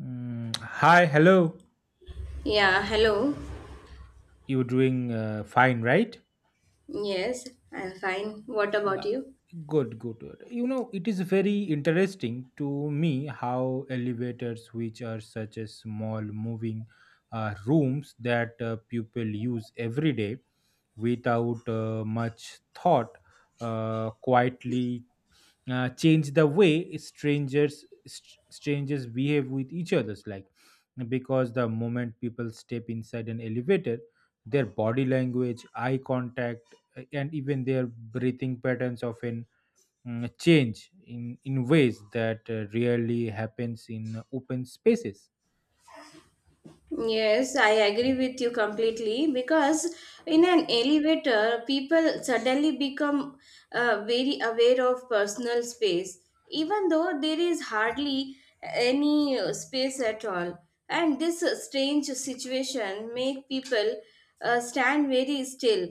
Mm, hi, hello. Yeah, hello. You're doing fine, right? Yes, I'm fine. What about you? Good, good, good. You know, it is very interesting to me how elevators, which are such a small moving rooms that people use every day without much thought, quietly change the way strangers behave with each other's like because the moment people step inside an elevator their body language eye contact and even their breathing patterns often change in ways that rarely happens in open spaces. Yes, I agree with you completely because in an elevator, people suddenly become very aware of personal space, even though there is hardly any space at all. And this strange situation make people stand very still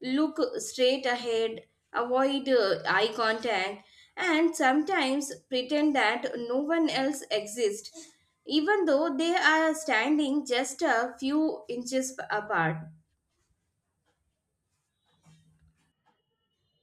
look straight ahead, avoid eye contact, and sometimes pretend that no one else exists, even though they are standing just a few inches apart.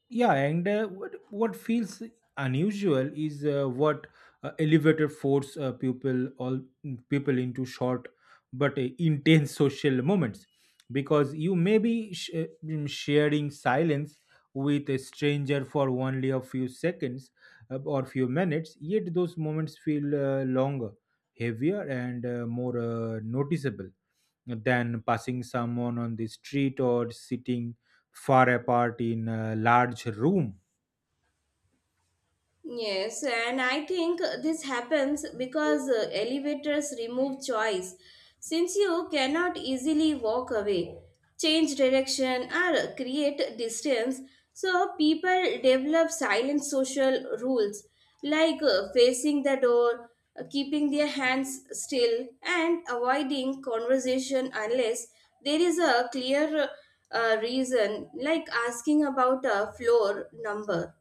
Yeah, and what feels unusual is what elevator force people into short but intense social moments because you may be sharing silence with a stranger for only a few seconds or few minutes yet those moments feel longer heavier and more noticeable than passing someone on the street or sitting far apart in a large room. Yes, and I think this happens because elevators remove choice. Since you cannot easily walk away, change direction, or create distance, so people develop silent social rules like facing the door, keeping their hands still, and avoiding conversation unless there is a clear reason, like asking about a floor number.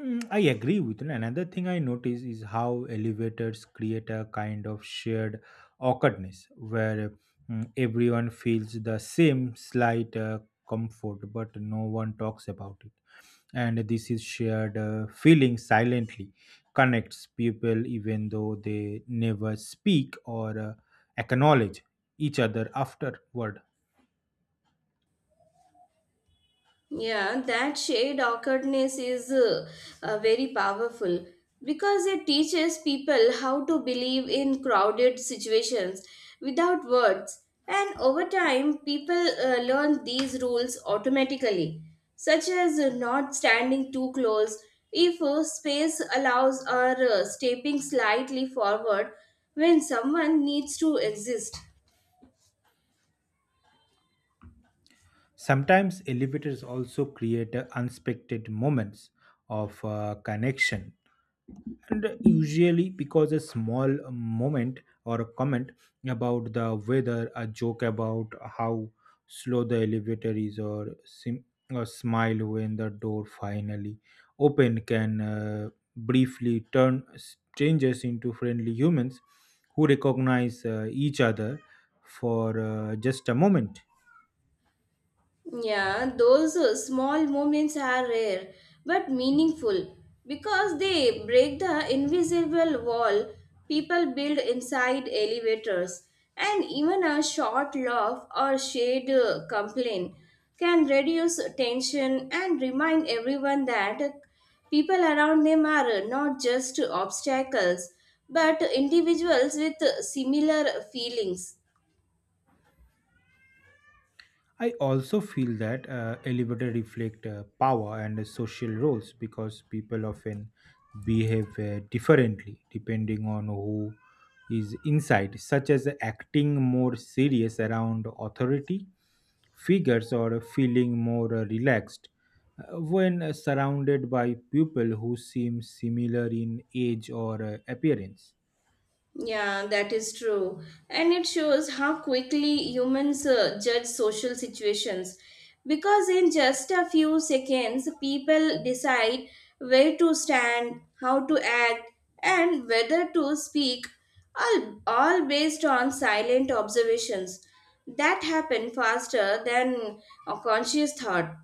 Mm, I agree with you. Another thing I notice is how elevators create a kind of shared awkwardness where everyone feels the same slight comfort, but no one talks about it. And this is shared feeling silently connects people even though they never speak or acknowledge each other afterward. Yeah, that shade awkwardness is very powerful because it teaches people how to believe in crowded situations without words. And over time, people learn these rules automatically, such as not standing too close if space allows or stepping slightly forward when someone needs to exist. Sometimes elevators also create unexpected moments of connection and usually because a small moment or a comment about the weather, a joke about how slow the elevator is, or a smile when the door finally open can briefly turn strangers into friendly humans who recognize each other for just a moment. Yeah, those small moments are rare but meaningful because they break the invisible wall people build inside elevators. And even a short laugh or shared complaint can reduce tension and remind everyone that people around them are not just obstacles but individuals with similar feelings. I also feel that elevator reflect power and social roles because people often behave differently depending on who is inside, such as acting more serious around authority figures or feeling more relaxed when surrounded by people who seem similar in age or appearance. Yeah, that is true. And it shows how quickly humans judge social situations. Because in just a few seconds, people decide where to stand, how to act, and whether to speak, all based on silent observations that happen faster than a conscious thought.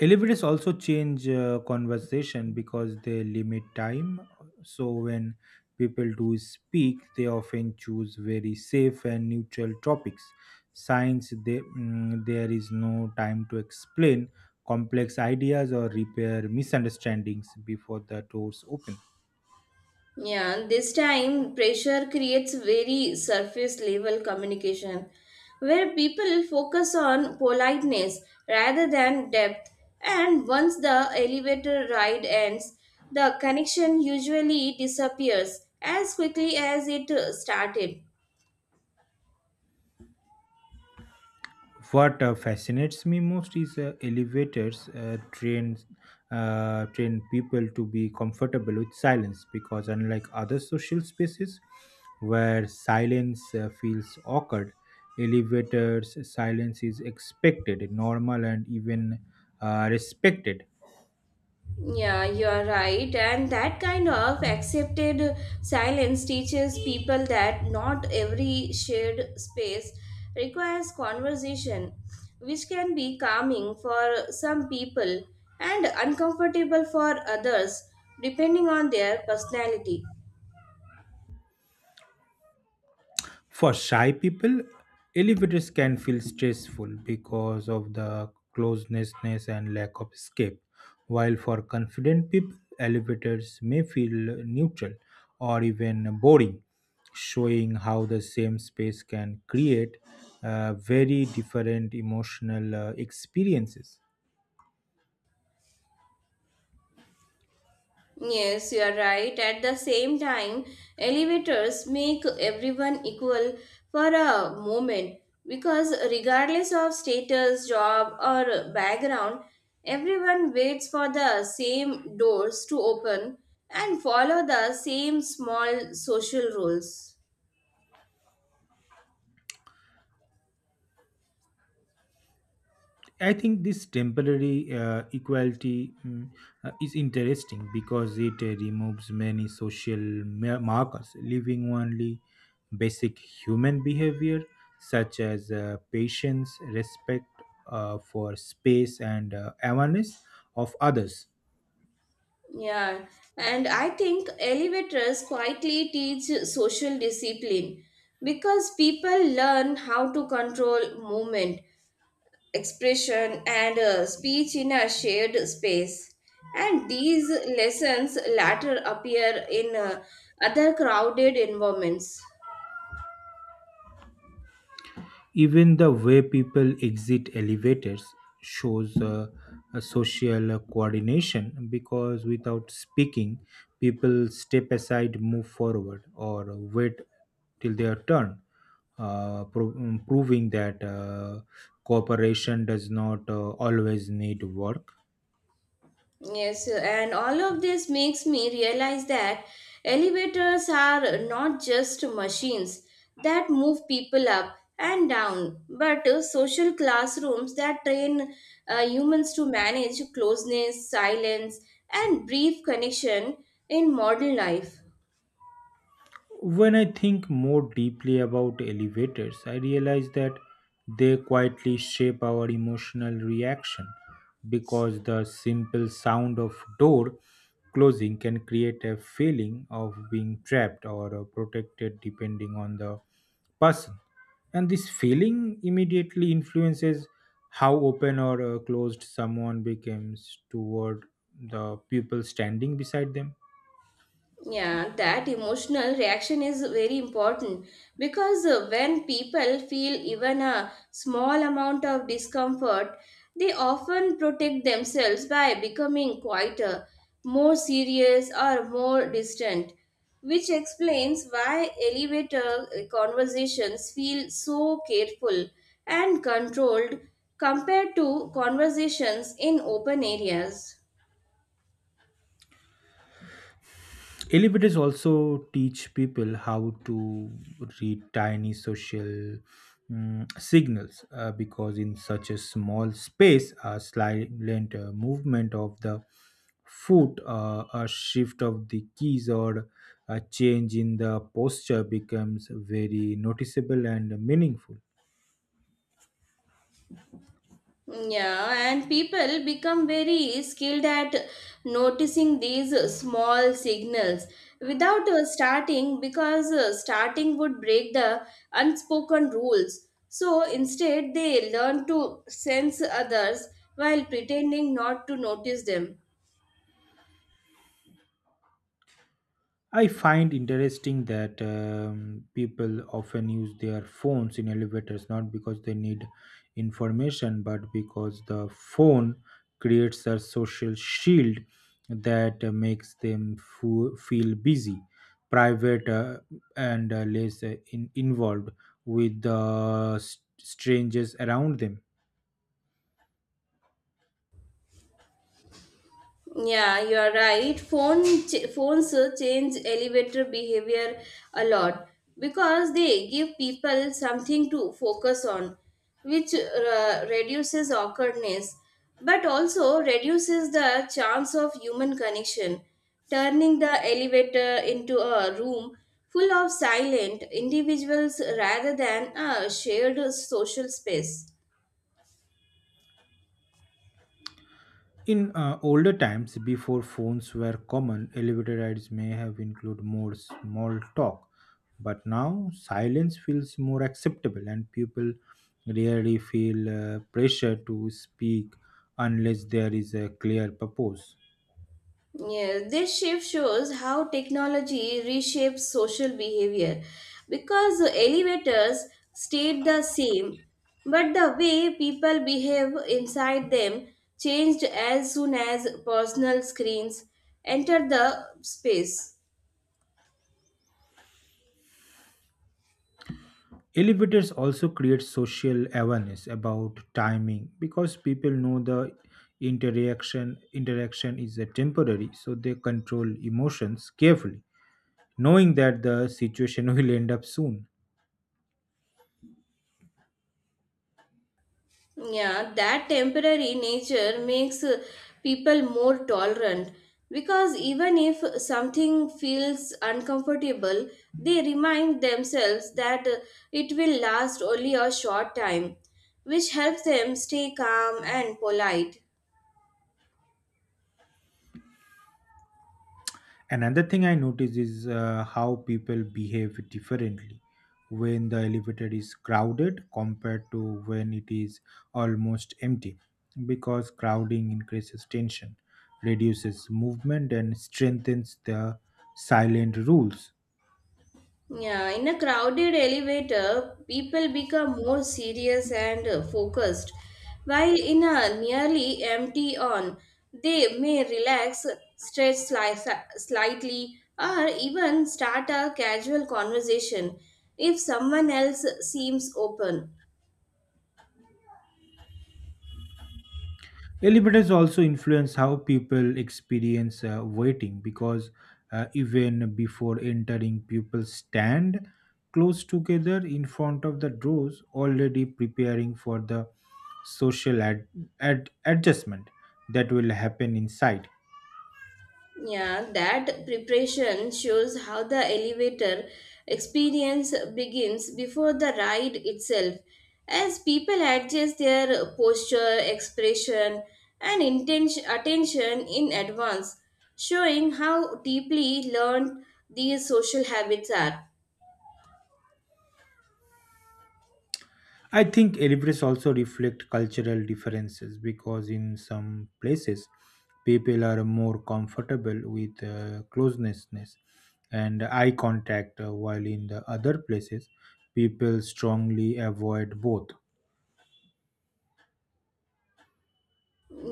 Deliveries also change conversation because they limit time. So when people do speak, they often choose very safe and neutral topics. Science, they, there is no time to explain complex ideas or repair misunderstandings before the doors open. Yeah, this time pressure creates very surface level communication where people focus on politeness rather than depth. And once the elevator ride ends, the connection usually disappears as quickly as it started. What fascinates me most is elevators trains train people to be comfortable with silence because unlike other social spaces where silence feels awkward, elevators silence is expected, normal, and even respected. Yeah, you are right. And that kind of accepted silence teaches people that not every shared space requires conversation, which can be calming for some people and uncomfortable for others, depending on their personality. For shy people, elevators can feel stressful because of the closeness and lack of escape, while for confident people, elevators may feel neutral or even boring, showing how the same space can create very different emotional experiences. Yes, you are right. At the same time, elevators make everyone equal for a moment because, regardless of status, job, or background, everyone waits for the same doors to open and follow the same small social rules. I think this temporary equality is interesting because it removes many social markers, leaving only basic human behavior such as patience, respect for space, and awareness of others. Yeah, and I think elevators quietly teach social discipline because people learn how to control movement expression, and speech in a shared space. And these lessons later appear in other crowded environments. Even the way people exit elevators shows a social coordination because without speaking people step aside, move forward, or wait till their turn, proving that cooperation does not always need work. Yes, and all of this makes me realize that elevators are not just machines that move people up and down, but social classrooms that train humans to manage closeness, silence, and brief connection in modern life. When I think more deeply about elevators, I realize that they quietly shape our emotional reaction because the simple sound of door closing can create a feeling of being trapped or protected depending on the person. And this feeling immediately influences how open or closed someone becomes toward the people standing beside them. Yeah, that emotional reaction is very important because when people feel even a small amount of discomfort, they often protect themselves by becoming quieter, more serious, or more distant, which explains why elevator conversations feel so careful and controlled compared to conversations in open areas. Elevators also teach people how to read tiny social signals because, in such a small space, a silent movement of the foot, a shift of the keys, or a change in the posture becomes very noticeable and meaningful. Yeah, and people become very skilled at noticing these small signals without starting because starting would break the unspoken rules. So instead, they learn to sense others while pretending not to notice them. I find interesting that people often use their phones in elevators not because they need information but because the phone creates a social shield that makes them feel busy, private, and less involved with the s strangers around them. Yeah, you are right. Phones change elevator behavior a lot because they give people something to focus on, which reduces awkwardness but also reduces the chance of human connection, turning the elevator into a room full of silent individuals rather than a shared social space. In older times, before phones were common, elevator rides may have included more small talk, but now silence feels more acceptable, and people rarely feel pressure to speak unless there is a clear purpose. Yes, this shift shows how technology reshapes social behavior because elevators stayed the same, but the way people behave inside them changed as soon as personal screens entered the space. Elevators also create social awareness about timing because people know the interaction is a temporary, so they control emotions carefully, knowing that the situation will end up soon. Yeah, that temporary nature makes people more tolerant because even if something feels uncomfortable, they remind themselves that it will last only a short time, which helps them stay calm and polite. Another thing I notice is how people behave differently when the elevator is crowded compared to when it is almost empty because crowding increases tension, reduces movement, and strengthens the silent rules. Yeah, in a crowded elevator, people become more serious and focused, while in a nearly empty one, they may relax, slightly, or even start a casual conversation if someone else seems open. Elevators also influence how people experience waiting because even before entering, people stand close together in front of the doors, already preparing for the social adjustment that will happen inside. Yeah, that preparation shows how the elevator experience begins before the ride itself. As people adjust their posture, expression, and intention, attention in advance, showing how deeply learned these social habits are. I think deliveries also reflect cultural differences because in some places people are more comfortable with closeness and eye contact, while in the other places people strongly avoid both.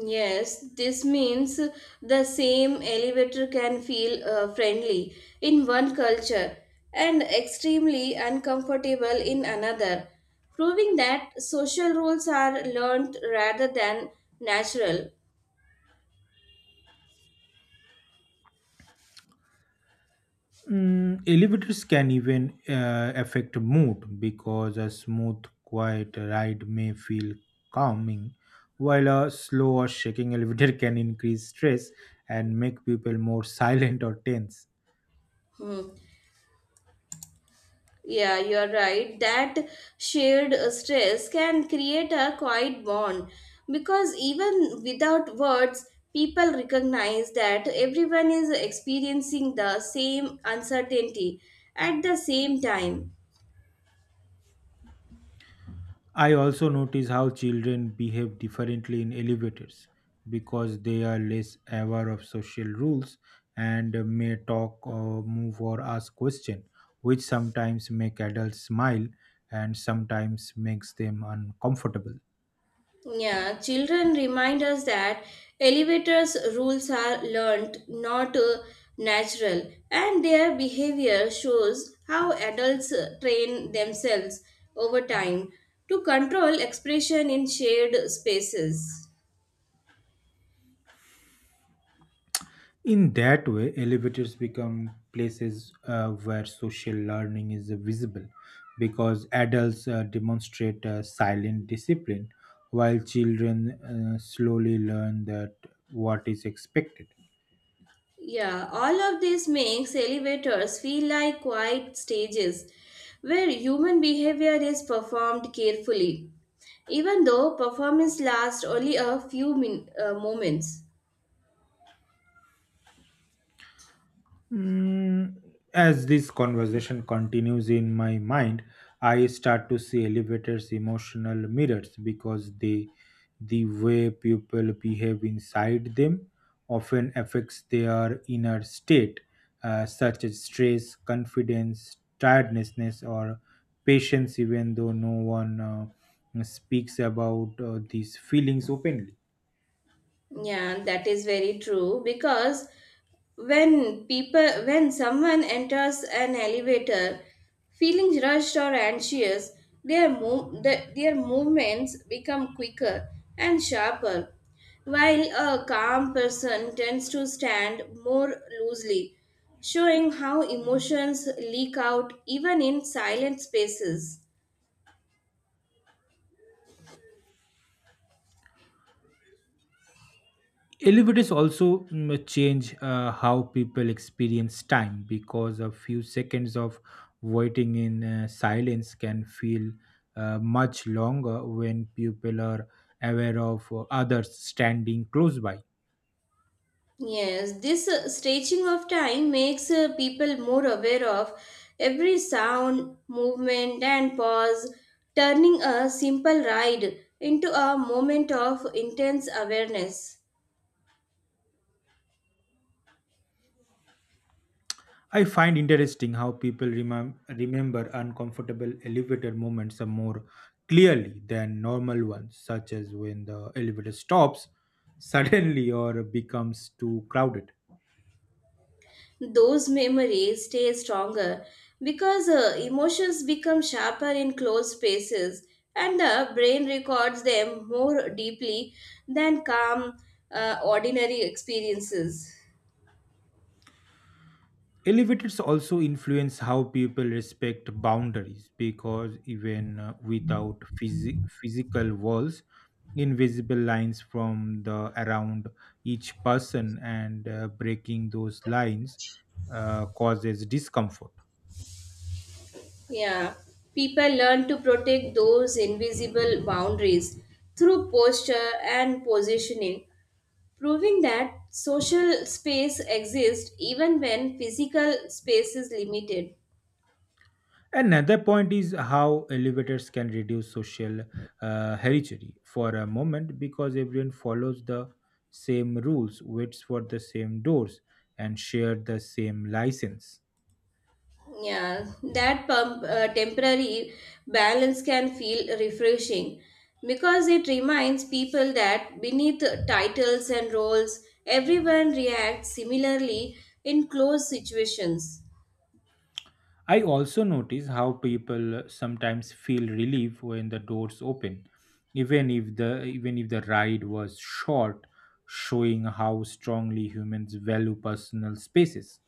Yes, this means the same elevator can feel friendly in one culture and extremely uncomfortable in another, proving that social rules are learned rather than natural. Mm, elevators can even affect mood because a smooth, quiet ride may feel calming, while a slow or shaking elevator can increase stress and make people more silent or tense. Hmm. Yeah, you're right. That shared stress can create a quiet bond because even without words, people recognize that everyone is experiencing the same uncertainty at the same time. I also notice how children behave differently in elevators because they are less aware of social rules and may talk or move or ask questions, which sometimes make adults smile and sometimes makes them uncomfortable. Yeah, children remind us that elevators rules are learned, not natural, and their behavior shows how adults train themselves over time to control expression in shared spaces. In that way, elevators become places where social learning is visible because adults demonstrate silent discipline while children slowly learn that what is expected. Yeah, all of this makes elevators feel like quiet stages where human behavior is performed carefully, even though performance lasts only a few moments. Mm, as this conversation continues in my mind, I start to see elevators emotional mirrors because they, the way people behave inside them often affects their inner state, such as stress, confidence, tiredness, or patience, even though no one speaks about these feelings openly. Yeah, that is very true because when someone enters an elevator feeling rushed or anxious, their movements become quicker and sharper, while a calm person tends to stand more loosely, showing how emotions leak out even in silent spaces. Elevators also change how people experience time because a few seconds of waiting in silence can feel much longer when people are aware of others standing close by. Yes, this stretching of time makes people more aware of every sound, movement, and pause, turning a simple ride into a moment of intense awareness. I find interesting how people remember uncomfortable elevator moments are more clearly than normal ones, such as when the elevator stops suddenly or becomes too crowded. Those memories stay stronger because emotions become sharper in closed spaces and the brain records them more deeply than calm, ordinary experiences. Elevators also influence how people respect boundaries because even without physi- physical walls, invisible lines from the around each person and breaking those lines causes discomfort. Yeah, people learn to protect those invisible boundaries through posture and positioning, proving that social space exists even when physical space is limited. Another point is how elevators can reduce social hierarchy for a moment because everyone follows the same rules, waits for the same doors, and share the same license. Yeah, that temporary balance can feel refreshing because it reminds people that beneath titles and roles, everyone reacts similarly in close situations. I also notice how people sometimes feel relief when the doors open, even if the ride was short, showing how strongly humans value personal spaces.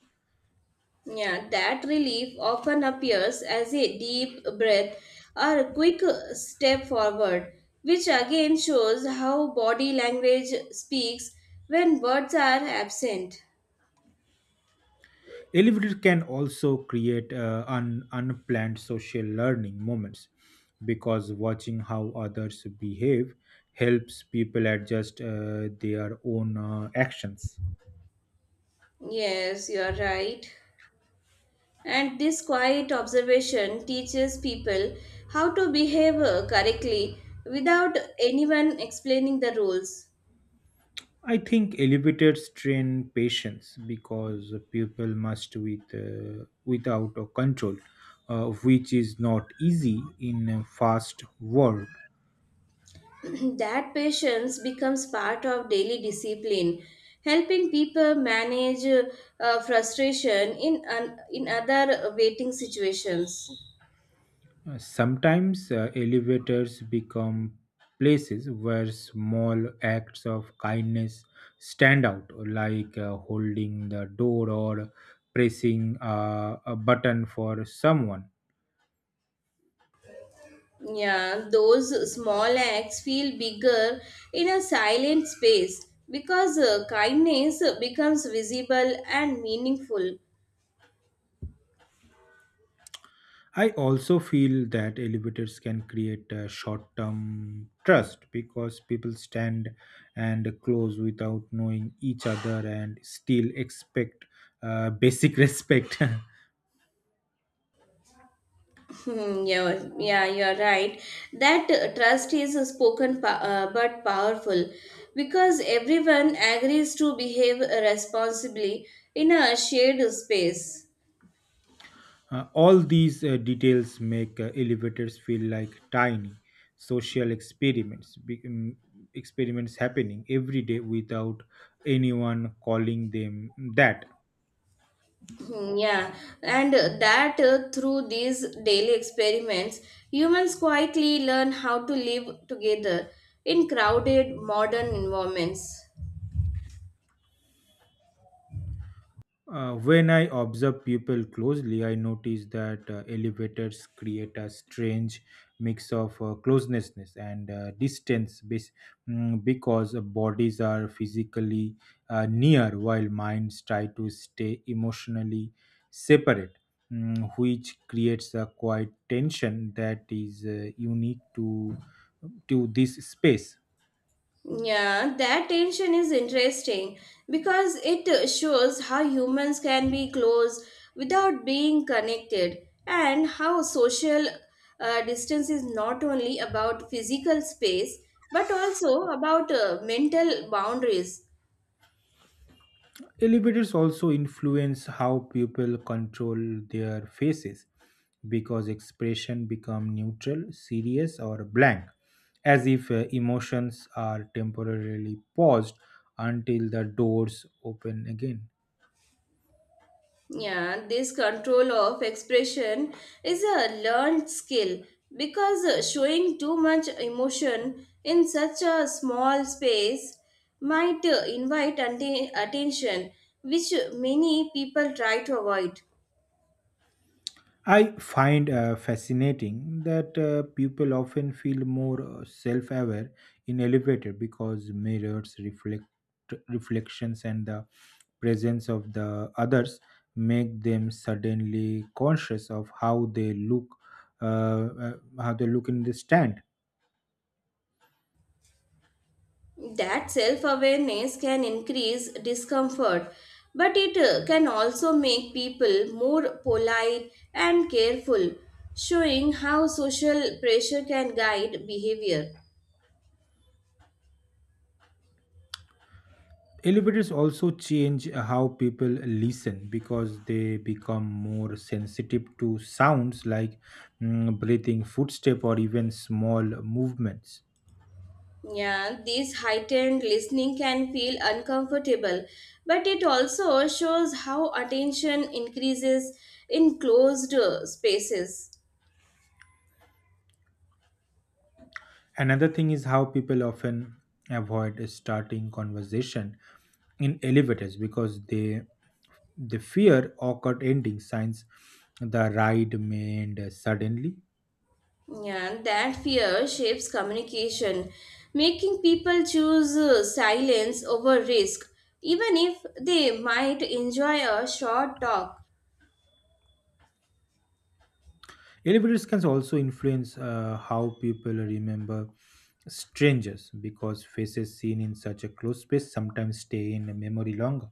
Yeah, that relief often appears as a deep breath or a quick step forward, which again shows how body language speaks when words are absent. Elevators can also create unplanned social learning moments because watching how others behave helps people adjust their own actions. Yes, you're right. And this quiet observation teaches people how to behave correctly without anyone explaining the rules. I think elevators train patience because people must with without a control, which is not easy in a fast world. That patience becomes part of daily discipline helping people manage frustration in in other waiting situations. Sometimes elevators become places where small acts of kindness stand out, like holding the door or pressing a button for someone. Yeah, those small acts feel bigger in a silent space because kindness becomes visible and meaningful. I also feel that elevators can create a short term trust because people stand and close without knowing each other and still expect basic respect. Uh, Hmm, yeah, yeah, you're right. That trust is a but powerful because everyone agrees to behave responsibly in a shared space. all these details make elevators feel like tiny social experiments experiments happening every day without anyone calling them that. Hmm. Yeah, and that through these daily experiments, humans quietly learn how to live together in crowded modern environments. When I observe people closely, I notice that elevators create a strange mix of closeness and because bodies are physically near while minds try to stay emotionally separate, which creates a quiet tension that is unique to this space. Yeah, that tension is interesting because it shows how humans can be close without being connected, and how social distance is not only about physical space but also about mental boundaries. Elevators also influence how people control their faces because expression become neutral, serious or blank as if emotions are temporarily paused until the doors open again. Yeah, this control of expression is a learned skill because showing too much emotion in such a small space might uh, invite attention, which many people try to avoid. I find fascinating that people often feel more self-aware in elevator because mirrors reflect reflections and the presence of the others make them suddenly conscious of uh, uh, how they look in the stand. That self awareness can increase discomfort, but it can also make people more polite and careful, showing how social pressure can guide behavior. Elevators also change how people listen because they become more sensitive to sounds like breathing footstep or even small movements. Yeah, this heightened listening can feel uncomfortable, but it also shows how attention increases in closed spaces. Another thing is how people often avoid starting conversation in elevators because they fear awkward ending signs the ride may end suddenly. Yeah, that fear shapes communication, making people choose silence over risk, even if they might enjoy a short talk. Elevators can also influence how people remember strangers because faces seen in such a close space sometimes stay in memory longer.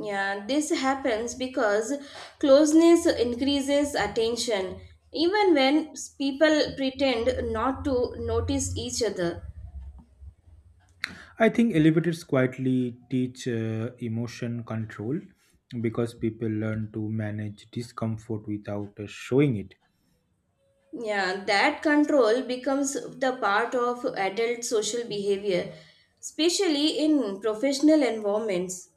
Yeah, this happens because closeness increases attention, even when people pretend not to notice each other. I think elevators quietly teach emotion control because people learn to manage discomfort without showing it. Yeah, that control becomes the part of adult social behavior, especially in professional environments.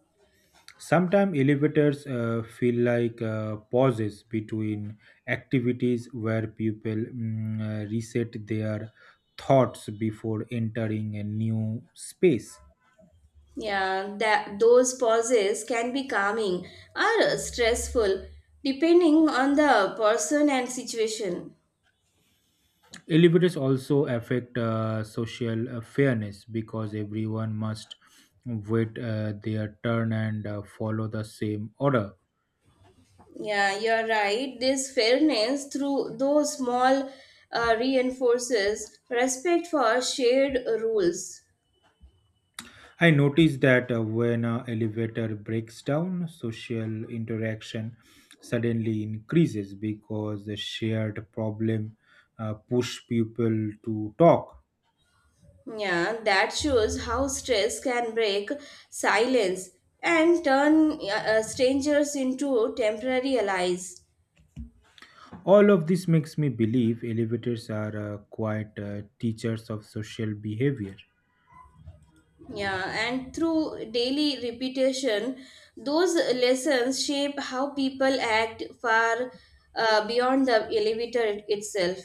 Sometimes elevators feel like pauses between activities where people reset their thoughts before entering a new space. Yeah, that those pauses can be calming or stressful, depending on the person and situation. Elevators also affect social fairness because everyone must wait their turn and follow the same order. Yeah, you're right. This fairness through those small reinforces respect for shared rules. I noticed that when an elevator breaks down, social interaction suddenly increases because the shared problem push people to talk. Yeah, that shows how stress can break silence and turn strangers into temporary allies. All of this makes me believe elevators are quite teachers of social behavior. Yeah, and through daily repetition, those lessons shape how people act far beyond the elevator itself.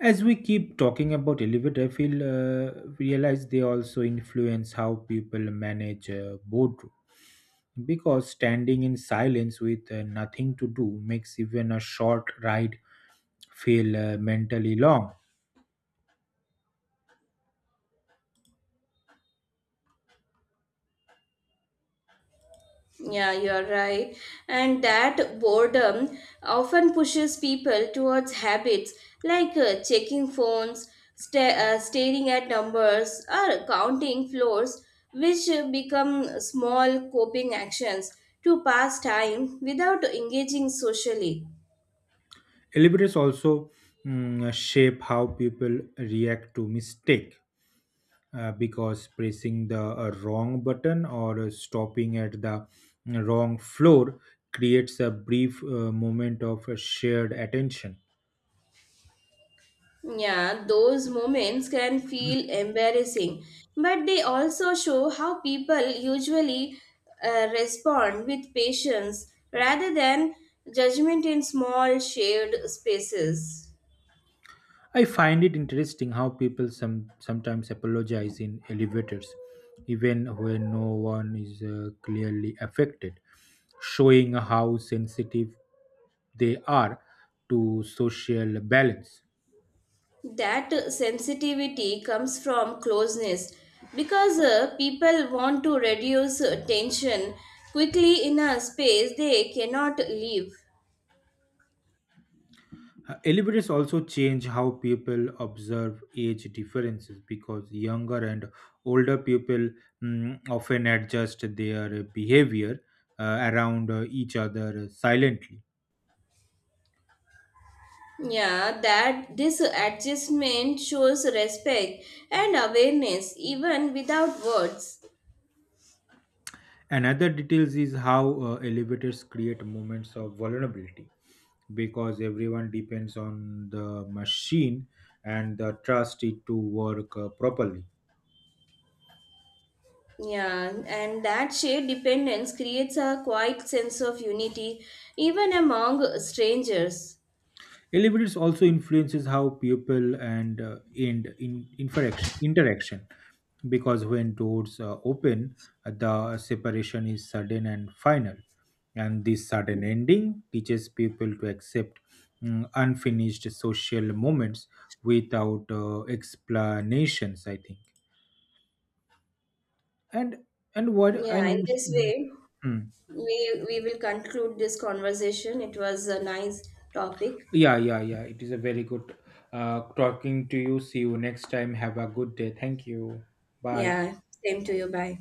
As we keep talking about elevator, I feel realize they also influence how people manage boredom because standing in silence with nothing to do makes even a short ride feel mentally long. Yeah, you're right. And that boredom often pushes people towards habits like checking phones, staring at numbers, or counting floors, which become small coping actions to pass time without engaging socially. Elevators also shape how people react to mistake because pressing the wrong button or stopping at the wrong floor creates a brief moment of shared attention. Yeah, those moments can feel embarrassing, but they also show how people usually respond with patience rather than judgment in small shared spaces. I find it interesting how people sometimes apologize in elevators, even when no one is clearly affected, showing how sensitive they are to social balance. That sensitivity comes from closeness because people want to reduce tension quickly in a space they cannot leave. Elevators also change how people observe age differences because younger and older people often adjust their behavior around each other silently. Yeah, that this adjustment shows respect and awareness even without words. Another details is how elevators create moments of vulnerability because everyone depends on the machine and the trust it to work properly. Yeah, and that shared dependence creates a quiet sense of unity even among strangers. Elevators also influences how people and in interaction interaction because when doors open, the separation is sudden and final, and this sudden ending teaches people to accept unfinished social moments without explanations. I think, and and what I Yeah, in know. this Mm, way, mm. we will conclude this conversation. It was a nice topic. Yeah, yeah, yeah. It is a very good talking to you. See you next time. Have a good day. Thank you. Bye. Yeah, same to you. Bye.